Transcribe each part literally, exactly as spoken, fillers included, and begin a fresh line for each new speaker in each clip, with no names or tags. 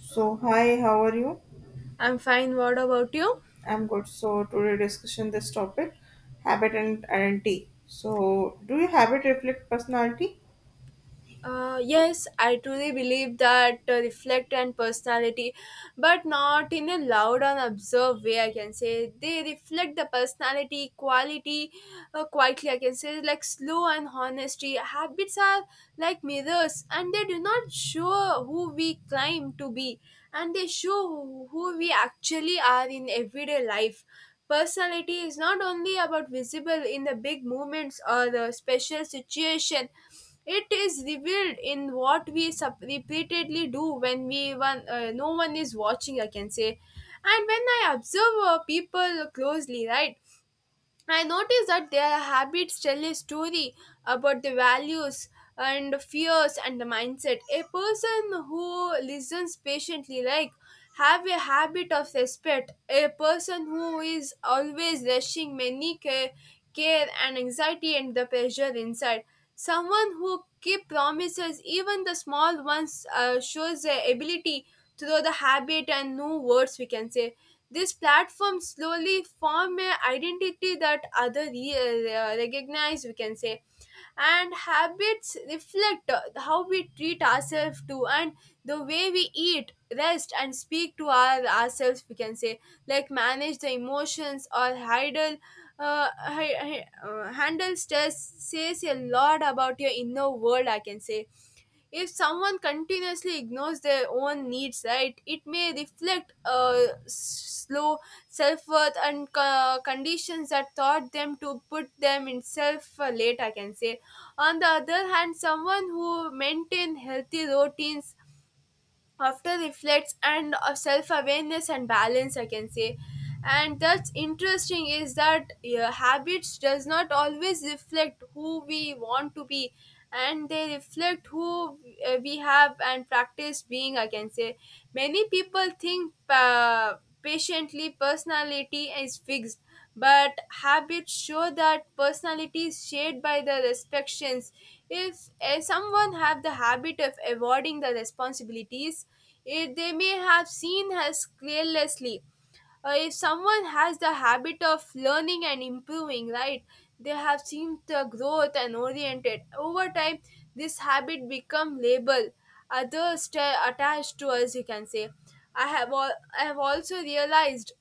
So, hi, how are you?
I'm fine. What about you?
I'm good. So, today discussion this topic, habit and identity. So, do your habit reflect personality?
Uh, yes, I truly believe that uh, reflect and personality, but not in a loud and observed way. I can say they reflect the personality quality uh, quietly. I can say like slow and honesty. Habits are like mirrors, and they do not show who we claim to be, and they show who who we actually are in everyday life. Personality is not only about visible in the big moments or the special situation, it is revealed in what we sup- repeatedly do when we one, uh, no one is watching, I can say. And when I observe uh, people closely, right, I notice that their habits tell a story about the values and fears and the mindset. A person who listens patiently, like, have a habit of respect. A person who is always rushing many care, care and anxiety and the pressure inside. Someone who keep promises, even the small ones, uh, shows their ability through the habit and new words, we can say. This platform slowly form a identity that other re- uh, recognize, we can say, and habits reflect uh, how we treat ourselves too, and the way we eat, rest, and speak to our ourselves, we can say, like manage the emotions or handle uh, hi- hi- uh, handle stress, says a lot about your inner world, I can say. If someone continuously ignores their own needs, right, it may reflect uh, s- slow self-worth and co- conditions that taught them to put them in self uh, late, I can say. On the other hand, someone who maintain healthy routines, after reflects and uh, self-awareness and balance, I can say. And that's interesting is that uh, habits does not always reflect who we want to be, and they reflect who uh, we have and practice being, I can say. Many people think uh, patiently personality is fixed, but habits show that personality is shaped by the restrictions. If eh, someone have the habit of avoiding the responsibilities, eh, they may have seen as carelessly. Uh, if someone has the habit of learning and improving, right, they have seen the growth and oriented over time. This habit become label others stay attached to us, you can say. i have al- I have also realized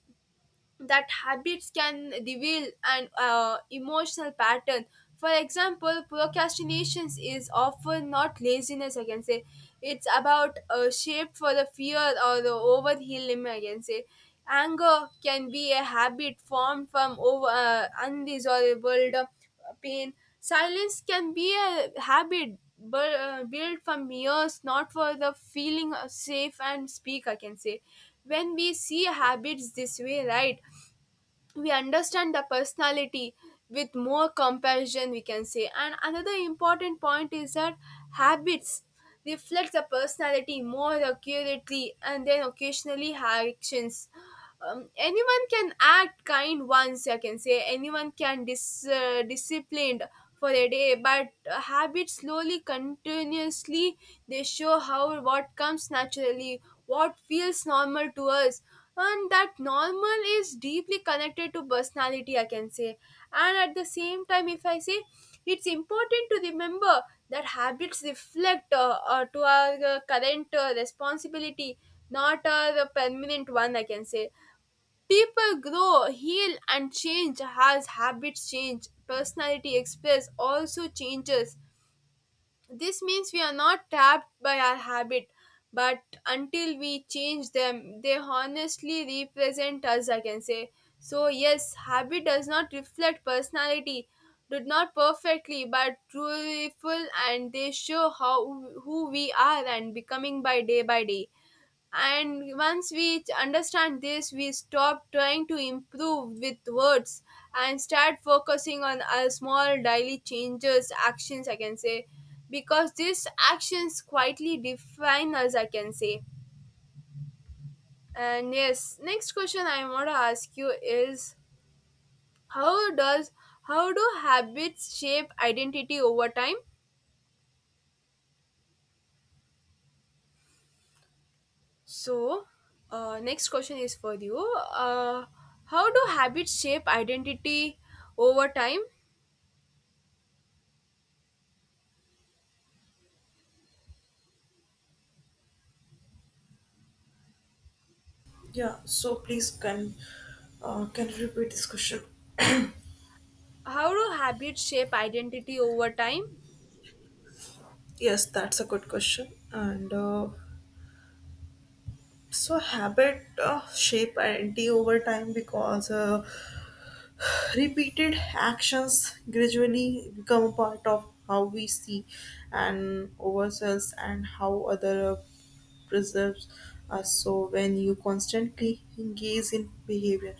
that habits can reveal an uh, emotional pattern. For example, procrastinations is often not laziness, I can say. It's about uh, shape for the fear or the overhealing, I can say. Anger can be a habit formed from over uh, unresolvable uh, pain. Silence can be a habit bu- uh, built from years, not for the feeling of safe and speak, I can say. When we see habits this way, right, we understand the personality with more comparison, we can say. And another important point is that habits reflect the personality more accurately and then occasionally actions. Um, anyone can act kind once, I can say. Anyone can dis uh, disciplined for a day, but uh, habits slowly continuously, they show how what comes naturally, what feels normal to us, and that normal is deeply connected to personality, I can say. And at the same time, if I say, it's important to remember that habits reflect uh, uh, to our uh, current uh, responsibility, not a permanent one, I can say. People grow, heal, and change as habits change. Personality express also changes. This means we are not trapped by our habit, but until we change them, they honestly represent us, I can say. So, yes, habit does not reflect personality, did not perfectly, but truthful, and they show how who we are and becoming by day by day. And once we understand this, we stop trying to improve with words and start focusing on our small daily changes, actions, I can say, because these actions quietly define us, I can say. And yes, next question I want to ask you is how does, how do habits shape identity over time? So, uh, next question is for you. Uh, how do habits shape identity over time?
Yeah, so please can uh, can you repeat this question?
How do habits shape identity over time?
Yes, that's a good question. And uh, so habit uh, shape identity over time because uh, repeated actions gradually become a part of how we see and ourselves and how other preserves us. So when you constantly engage in behavior,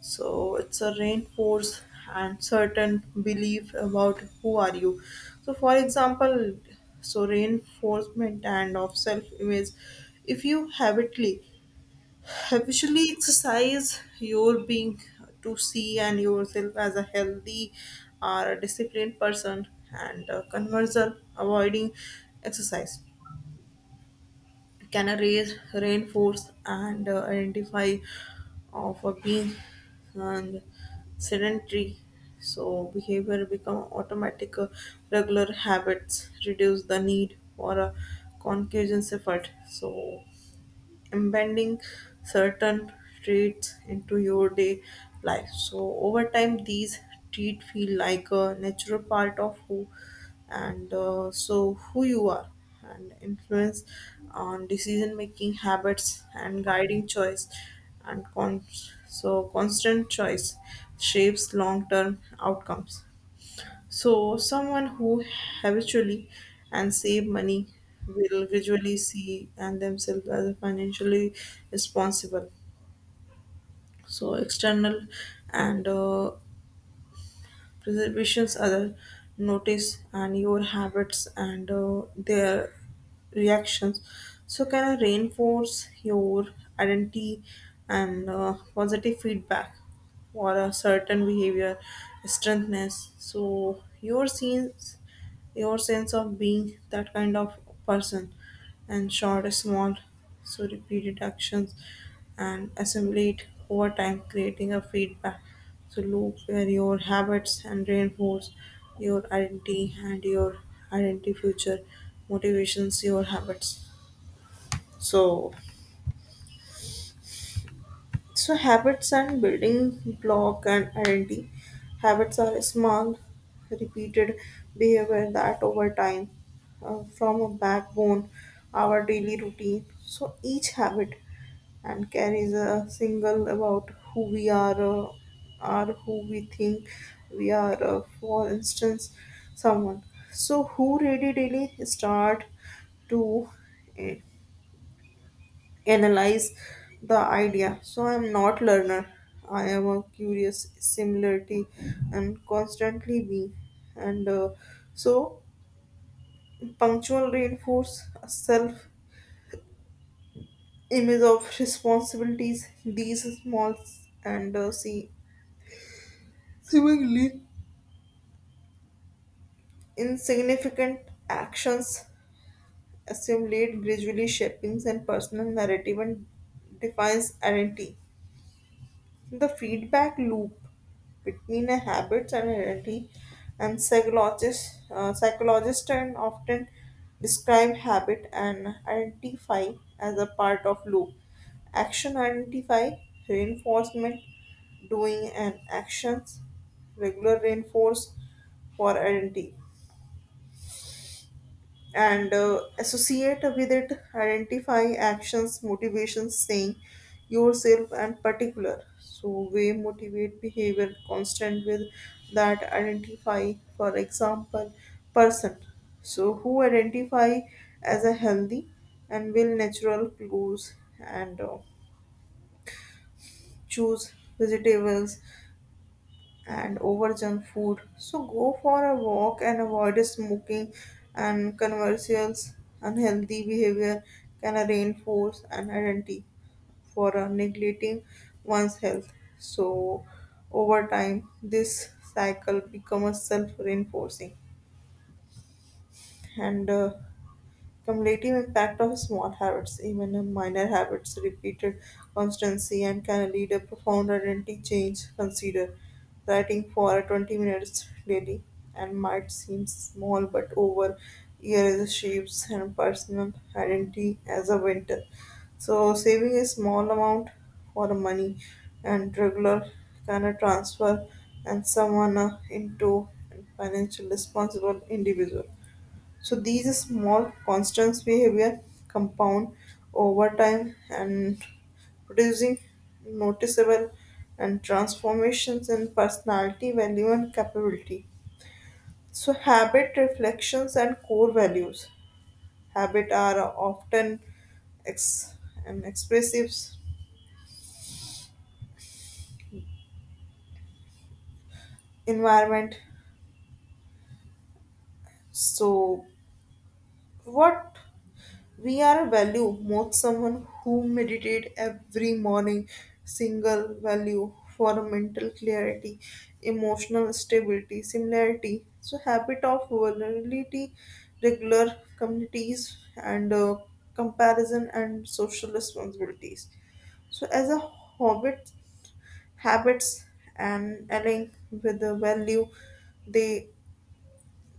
so it's a reinforce and certain belief about who are you. So for example, so reinforcement and of self-image. If you habitually habitually exercise your being to see and yourself as a healthy or a disciplined person and a converser avoiding exercise Canaries, rainforest, and uh, identify of a being and sedentary. So behavior become automatic, uh, regular habits reduce the need for a concussion effort. So embedding certain traits into your day life. So over time, these traits feel like a natural part of who and uh, so who you are and influence on decision making habits and guiding choice and con- so constant choice shapes long term outcomes. So, someone who habitually and save money will visually see and themselves as financially responsible. So, external and uh, preservations other notice and your habits and uh, their reactions. So, can I reinforce your identity and uh, positive feedback for a certain behavior, strengthness? So, your scenes your sense of being that kind of person and short small so repeated actions and assimilate over time creating a feedback so loop where your habits and reinforce your identity and your identity future motivations your habits so so habits and building block and identity. Habits are a small, repeated behavior that over time uh, form a backbone our daily routine. So each habit and carries a single about who we are, uh, are who we think we are. Uh, for instance, someone. So who ready daily start to. eh, Analyze the idea. So I am not learner. I am a curious similarity and constantly being. And uh, so punctual reinforce self image of responsibilities. These small and uh, see seemingly insignificant actions assimilate gradually shaping and personal narrative and defines identity. The feedback loop between a habits and identity and psychologists uh, psychologists and often describe habit and identify as a part of loop. Action identify reinforcement doing and actions regular reinforce for identity and uh, associate with it identify actions motivations saying yourself and particular so we motivate behavior constant with that identify for example person so who identify as a healthy and will natural clues and uh, choose vegetables and over junk food. So go for a walk and avoid smoking and conversions. Unhealthy behavior can reinforce an identity for uh, neglecting one's health. So over time, this cycle becomes self-reinforcing, and uh, cumulative impact of small habits, even a minor habits, repeated constancy and can lead a profound identity change. Consider writing for twenty minutes daily and might seem small, but over years it shapes and personal identity as a winter. So saving a small amount for money and regular kind of transfer and someone uh, into financial responsible individual. So these small constants behavior compound over time and producing noticeable and transformations in personality, value and capability. So habit reflections and core values. Habit are often ex- an expressive environment. So what we are a value, most someone who meditate every morning, single value for mental clarity, emotional stability, similarity. So habit of vulnerability, regular communities and uh, comparison and social responsibilities. So as a hobbit, habits and align with the value, they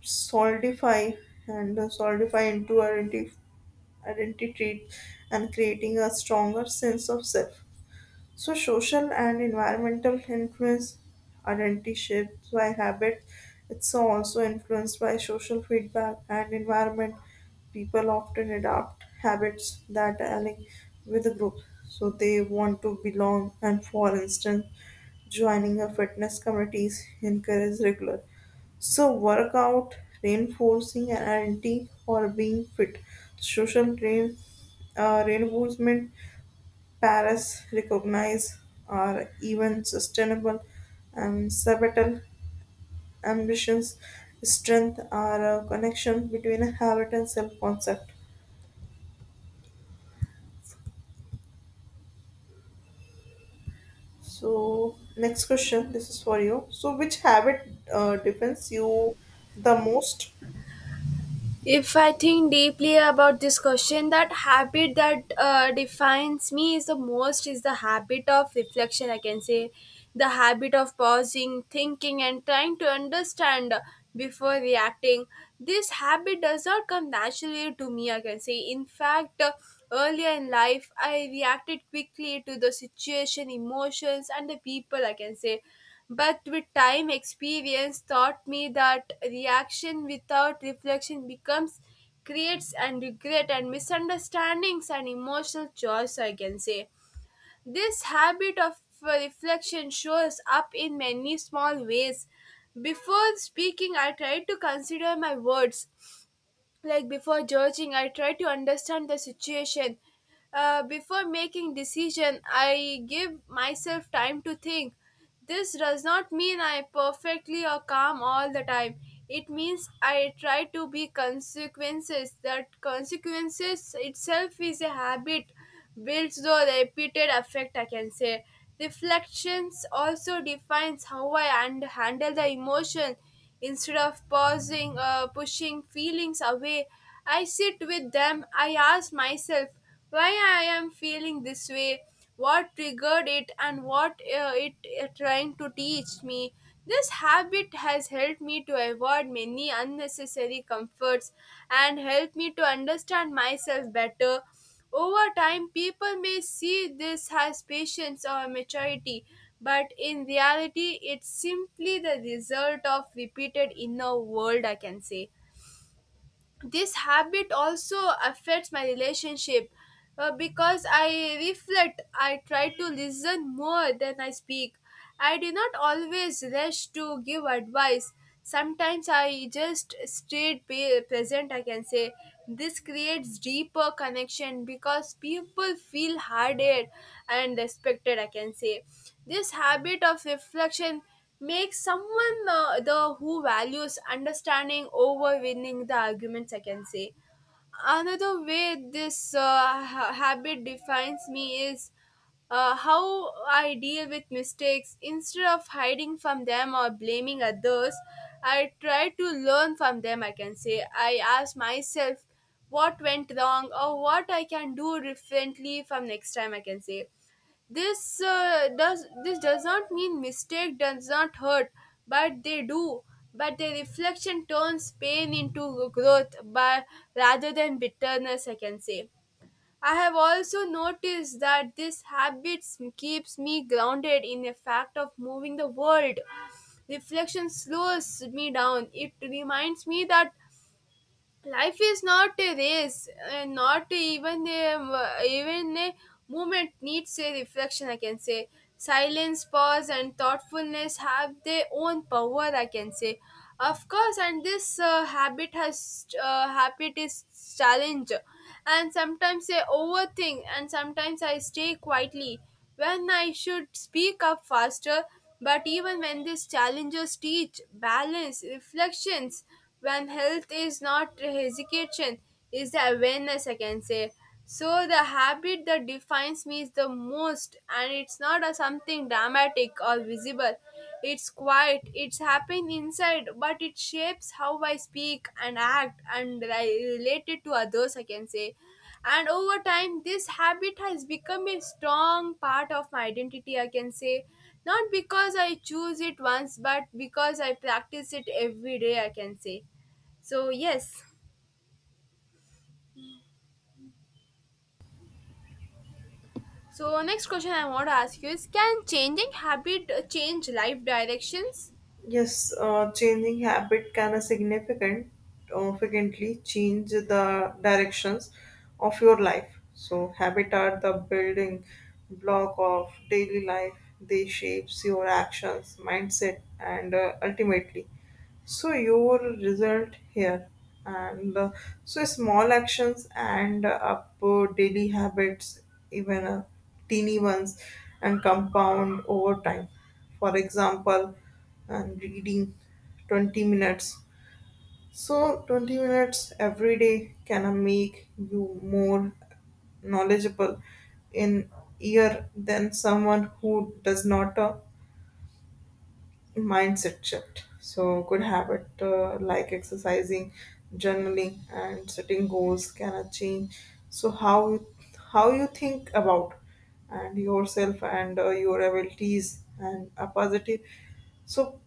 solidify and uh, solidify into identity identity and creating a stronger sense of self. So, social and environmental influence identity shaped by habit. It's also influenced by social feedback and environment. People often adopt habits that align with the group, so they want to belong. And for instance, joining a fitness committees encourages regular so, workout, reinforcing, an anti for being fit. Social train, uh, reinforcement, Paris recognize or even sustainable and subtle ambitions. Strength or a connection between a habit and self concept. So, next question this is for you. So, which habit uh, defines you the most?
If I think deeply about this question, that habit that uh, defines me is the most is the habit of reflection, I can say. The habit of pausing, thinking, and trying to understand before reacting. This habit does not come naturally to me, I can say. In fact, uh, earlier in life, I reacted quickly to the situation, emotions, and the people, I can say. But with time, experience taught me that reaction without reflection becomes creates and regret and misunderstandings and emotional choice, I can say. This habit of uh, reflection shows up in many small ways. Before speaking, I try to consider my words, like before judging, I try to understand the situation. Uh, before making decision, I give myself time to think. This does not mean I perfectly or calm all the time. It means I try to be consequences, that consequences itself is a habit builds though repeated effect, I can say. Reflections also defines how I and handle the emotion. Instead of pausing uh, pushing feelings away, I sit with them, I ask myself why I am feeling this way, what triggered it, and what uh, it uh, trying to teach me. This habit has helped me to avoid many unnecessary comforts and helped me to understand myself better. Over time, people may see this as patience or maturity, but in reality, it's simply the result of repeated inner world, I can say. This habit also affects my relationship. Uh, because I reflect, I try to listen more than I speak. I do not always rush to give advice. Sometimes I just stayed pa- present, I can say. This creates deeper connection because people feel heard and respected, I can say. This habit of reflection make someone uh, the who values understanding over winning the arguments, I can say. Another way this uh, ha- habit defines me is uh, how I deal with mistakes. Instead of hiding from them or blaming others, I try to learn from them, I can say. I ask myself what went wrong or what I can do differently from next time, I can say. This uh, does this does not mean mistake does not hurt, but they do. But the reflection turns pain into growth, but rather than bitterness, I can say. I have also noticed that this habit keeps me grounded in the fact of moving the world. Reflection slows me down. It reminds me that life is not a race, and not even a even a movement needs a reflection, I can say. Silence, pause, and thoughtfulness have their own power, I can say. Of course, and this uh, habit has uh, habit is challenge, and sometimes I overthink, and sometimes I stay quietly when I should speak up faster. But even when these challenges teach balance, reflections, when health is not hesitation, is the awareness, I can say. So the habit that defines me is the most, and it's not a something dramatic or visible. It's quiet. It's happening inside, but it shapes how I speak and act and I relate it to others, I can say. And over time this habit has become a strong part of my identity, I can say, not because I choose it once but because I practice it every day, I can say. So yes, so next question I want to ask you is, can changing habit uh, change life directions?
Yes, uh, changing habit can a significant, significantly change the directions of your life. So habit are the building block of daily life. They shapes your actions, mindset, and uh, ultimately so your result here and uh, so small actions and uh, up uh, daily habits even uh, teeny ones and compound over time for example and reading twenty minutes so twenty minutes every day can uh, make you more knowledgeable in year than someone who does not uh, mindset shift. So, good habit uh, like exercising, journaling, and setting goals can change. So, how you- how you think about and yourself and uh, your abilities and a positive. So,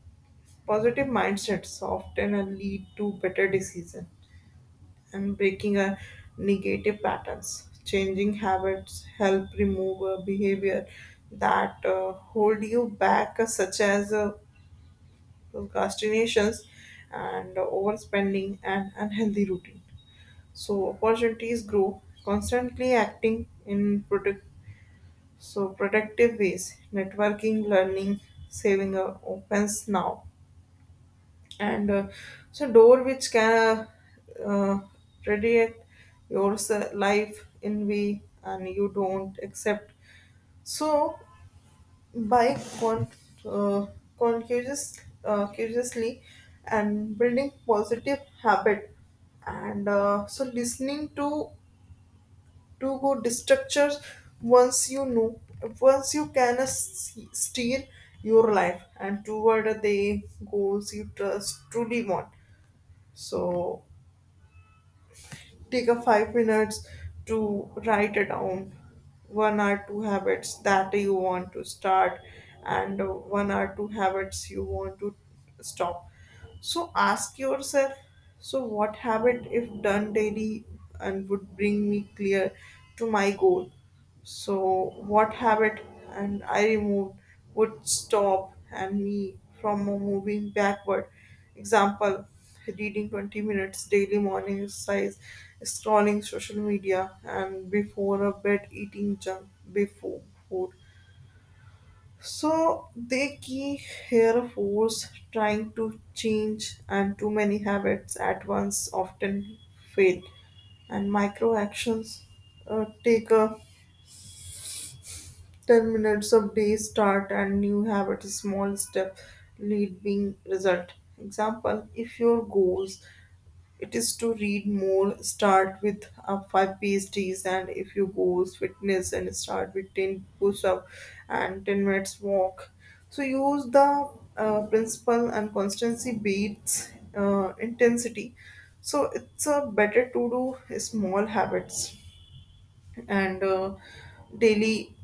positive mindsets often uh, lead to better decision and breaking a negative patterns. Changing habits help remove a behavior that uh, hold you back, uh, such as uh, procrastinations, and overspending and unhealthy routine. So opportunities grow constantly acting in product so productive ways, networking, learning, saving uh, opens now, and uh, so door which can uh, uh, radiate your s- life in way and you don't accept. So by con- uh, conscious, uh, consciously and building positive habit and uh, so listening to to go destructures once you know once you can uh, see- steer your life and toward the goals you trust truly want. So take a five minutes to write it down one or two habits that you want to start and uh, one or two habits you want to stop. So ask yourself, so what habit if done daily and would bring me clear to my goal, so what habit and I removed would stop and me from moving backward. Example: reading twenty minutes daily morning exercise scrolling social media and before a bed eating junk before food. So they key here force trying to change and too many habits at once often fail and micro actions uh, take a ten minutes of day start and new habit small step lead being result. Example: if your goals it is to read more, start with uh, five PhDs, and if you goes fitness and start with ten push up and ten minutes walk. So use the uh, principle and constancy beats uh, intensity. So it's a better to do small habits and uh, daily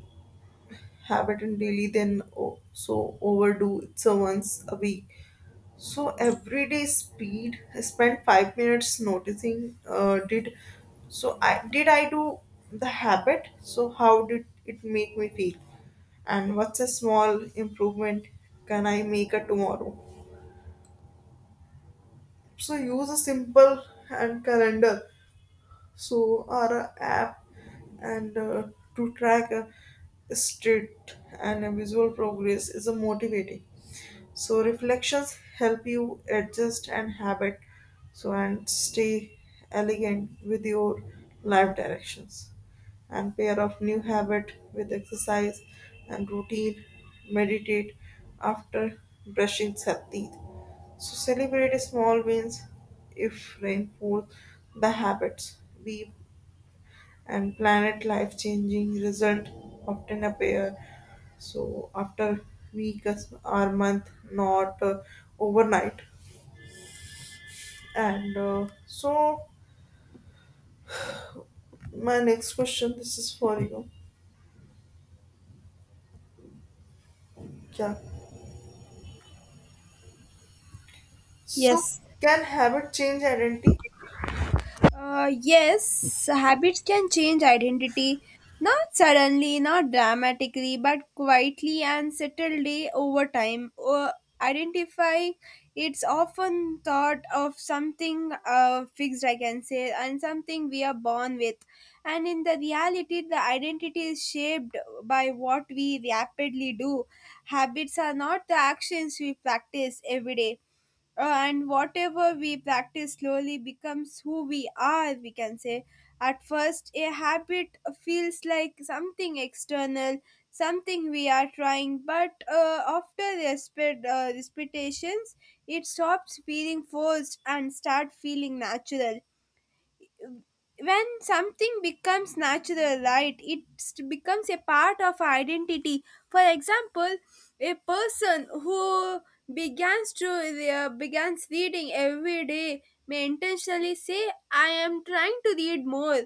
habit and daily than oh, so overdo it's a once a week. So everyday speed, I spent five minutes noticing. Uh, did so I did I do the habit? So how did it make me feel? And what's a small improvement can I make a tomorrow? So use a simple and calendar. So or a app and uh, to track a state and a visual progress is a motivating. So reflections help you adjust and habit so and stay elegant with your life directions and pair of new habit with exercise and routine meditate after brushing sa- teeth. So celebrate small wins if reinforce the habits be and planet life changing result often appear so after week as- or month not uh, overnight. And uh, so my next question this is for you, yeah, so
Yes,
can habit change identity?
Uh, yes, habits can change identity, not suddenly, not dramatically, but quietly and subtly over time. Or identify, it's often thought of something uh, fixed, I can say, and something we are born with. And in the reality, the identity is shaped by what we rapidly do. Habits are not the actions we practice every day, and whatever we practice slowly becomes who we are, we can say. At first a habit feels like something external, something we are trying, but uh, after respect, uh, repetitions, it stops feeling forced and start feeling natural. When something becomes natural, right, it st- becomes a part of our identity. For example, a person who begins to uh, begins reading every day may intentionally say I am trying to read more.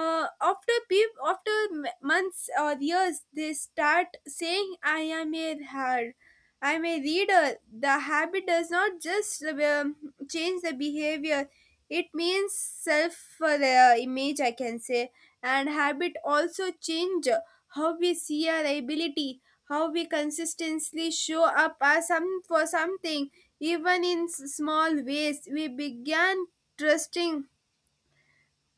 Uh, after peop- after m- months or years, they start saying I am a hard, I am a reader. The habit does not just um, change the behavior, it means self uh, the uh, image, I can say. And habit also change uh, how we see our ability, how we consistently show up as some, for something, even in s- small ways. We began trusting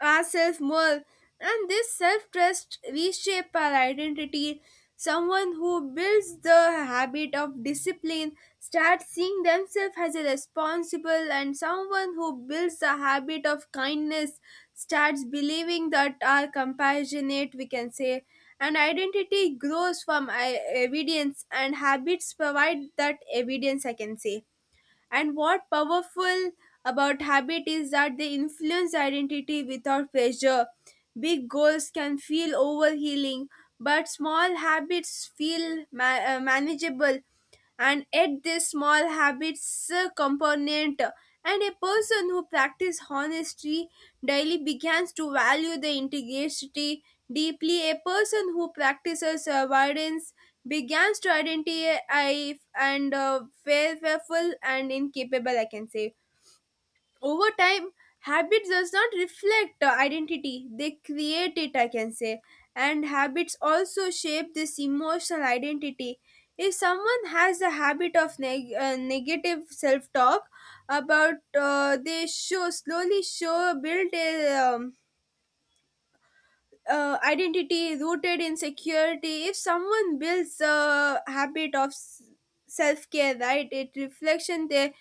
ourselves more, and this self-trust reshape our identity. Someone who builds the habit of discipline starts seeing themselves as a responsible, and someone who builds the habit of kindness starts believing that are compassionate, we can say. And identity grows from uh, evidence, and habits provide that evidence, I can say. And what powerful about habit is that they influence identity without pressure. Big goals can feel overhealing, but small habits feel ma- uh, manageable, and yet these small habits uh, component. And a person who practices honesty daily begins to value the integrity deeply. A person who practices avoidance begins to identify and uh, fearful and incapable, I can say. Over time, habit does not reflect the identity, they create it, I can say. And habits also shape this emotional identity. If someone has a habit of neg- uh, negative self-talk about uh, they show slowly show build a um, uh, identity rooted in security. If someone builds a habit of self-care, right, it reflection, they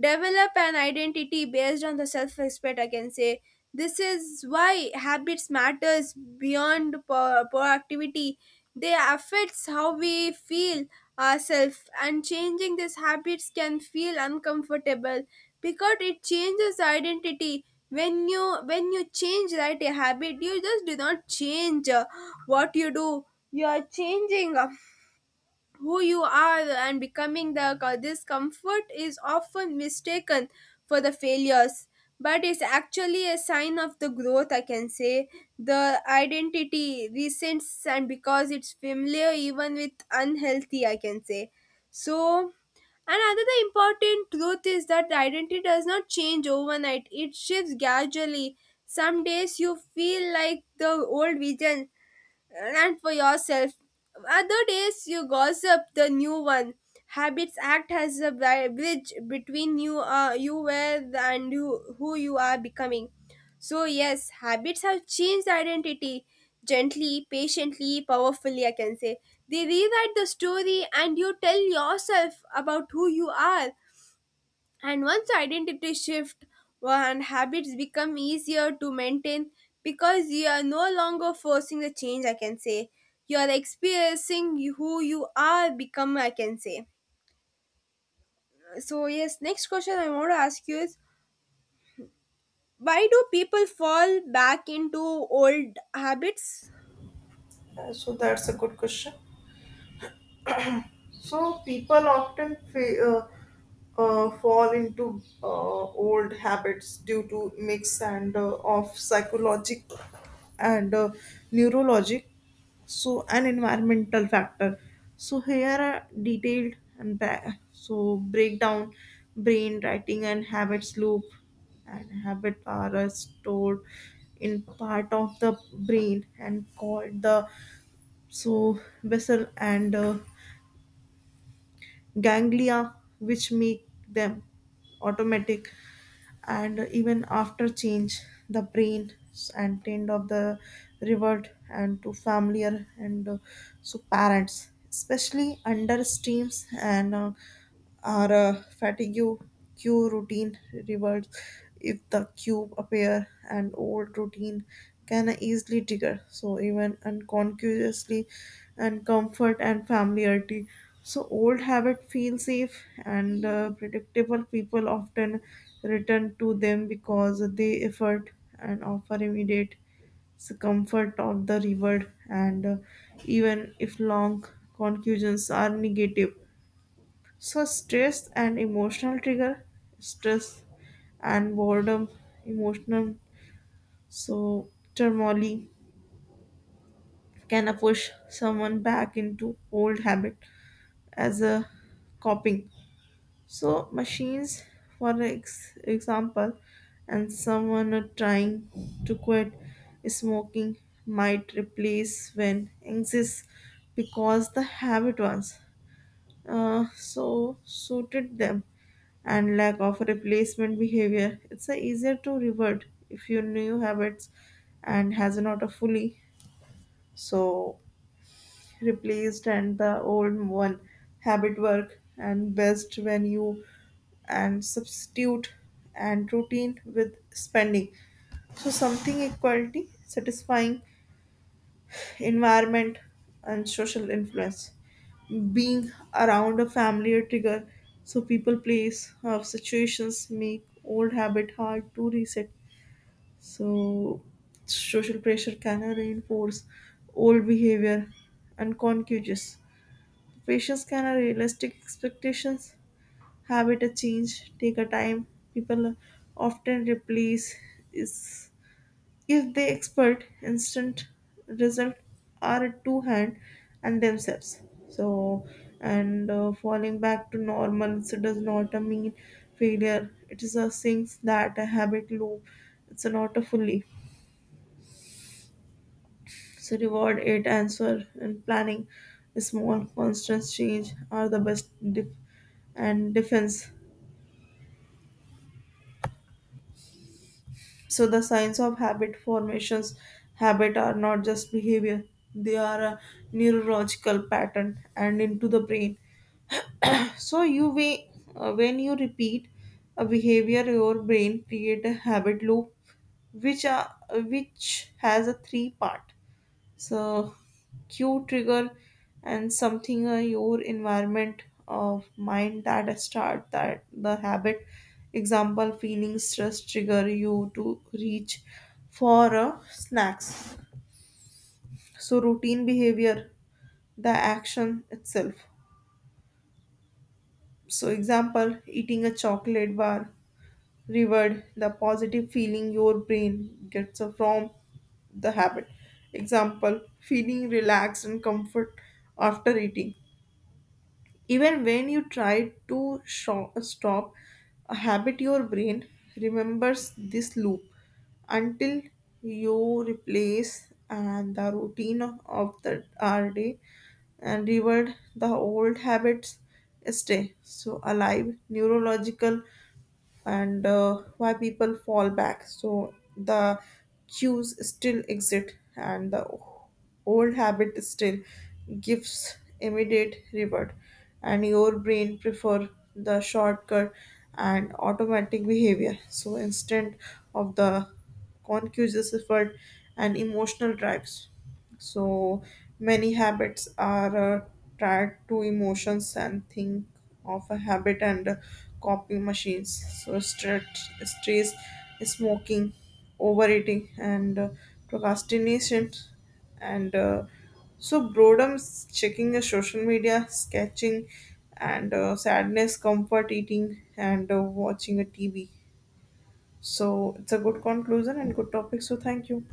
develop an identity based on the self-respect, I can say. This is why habits matters beyond po proactivity. They affects how we feel ourselves, and changing these habits can feel uncomfortable because it changes identity. When you when you change, right, a habit, you just do not change uh, what you do. You are changing. Uh, who you are and becoming the this comfort is often mistaken for the failures, but it's actually a sign of the growth, I can say. The identity resents and because it's familiar even with unhealthy, I can say. So another important truth is that identity does not change overnight, it shifts gradually. Some days you feel like the old vision and for yourself. Other days you gossip the new one. Habits act as a bri- bridge between you, uh, you were and you, who you are becoming. So yes, habits have changed identity gently, patiently, powerfully, I can say. They rewrite the story, and you tell yourself about who you are. And once identity shift and habits become easier to maintain because you are no longer forcing the change, I can say. You are experiencing who you are become, I can say. So yes, next question I want to ask you is, why do people fall back into old habits?
Uh, so that's a good question. So people often fa- uh, uh, fall into uh, old habits due to mix and uh, of psychologic and uh, neurologic, so an environmental factor. So here are detailed and ba- so breakdown, brain writing and habits loop, and habit are uh, stored in part of the brain and called the so vessel and uh, ganglia which make them automatic and even after change the brain and tend of the revert and to familiar and uh, so parents especially under streams and uh, our uh, fatigue cue routine reverts if the cube appear and old routine can easily trigger so even unconsciously and comfort and familiarity. So old habit feel safe and uh, predictable. People often return to them because they effort and offer immediate comfort of the reward, and uh, even if long conclusions are negative. So stress and emotional trigger, stress and boredom, emotional so turmoil can push someone back into old habit as a coping. So machines, for ex- example, and someone are trying to quit smoking might replace when exists because the habit was uh, so suited them and lack of replacement behavior. It's a easier to revert if your new habits and has not a fully so replaced and the old one habit work and best when you and substitute and routine with spending so something equality satisfying environment and social influence being around a family or trigger so people place of situations make old habit hard to reset. So social pressure can reinforce old behavior unconscious. Patients can have realistic expectations, habit a change, take a time. People often replace is if they expect instant result are at two hand and themselves. So and uh, falling back to normal so does not a mean failure. It is a thing that a habit loop. It's not a fully. So reward, it, answer, and planning. Small, constant change are the best def- and defense. So the signs of habit formations, habit are not just behavior; they are a neurological pattern and into the brain. So you way uh, when you repeat a behavior, your brain create a habit loop, which are which has a three part. So, cue trigger and something uh, your environment of mind that start that the habit. Example: feeling stress trigger you to reach for uh, snacks. So, routine behavior, the action itself. So, example: eating a chocolate bar reward the positive feeling your brain gets from the habit. Example: feeling relaxed and comfort after eating. Even when you try to sho- stop a habit, your brain remembers this loop until you replace and the routine of, of the our day and reward the old habits stay so alive neurological and uh, why people fall back. So the cues still exist, and the old habit still gives immediate reward, and your brain prefer the shortcut and automatic behavior. So instead of the conscious effort and emotional drives. So many habits are uh, tied to emotions and think of a habit and uh, copying machines. So stress, stress, smoking, overeating, and uh, procrastination, and uh, so boredom, checking the social media, sketching, and uh, sadness, comfort eating, and uh, watching a T V. So it's a good conclusion and good topic. So thank you.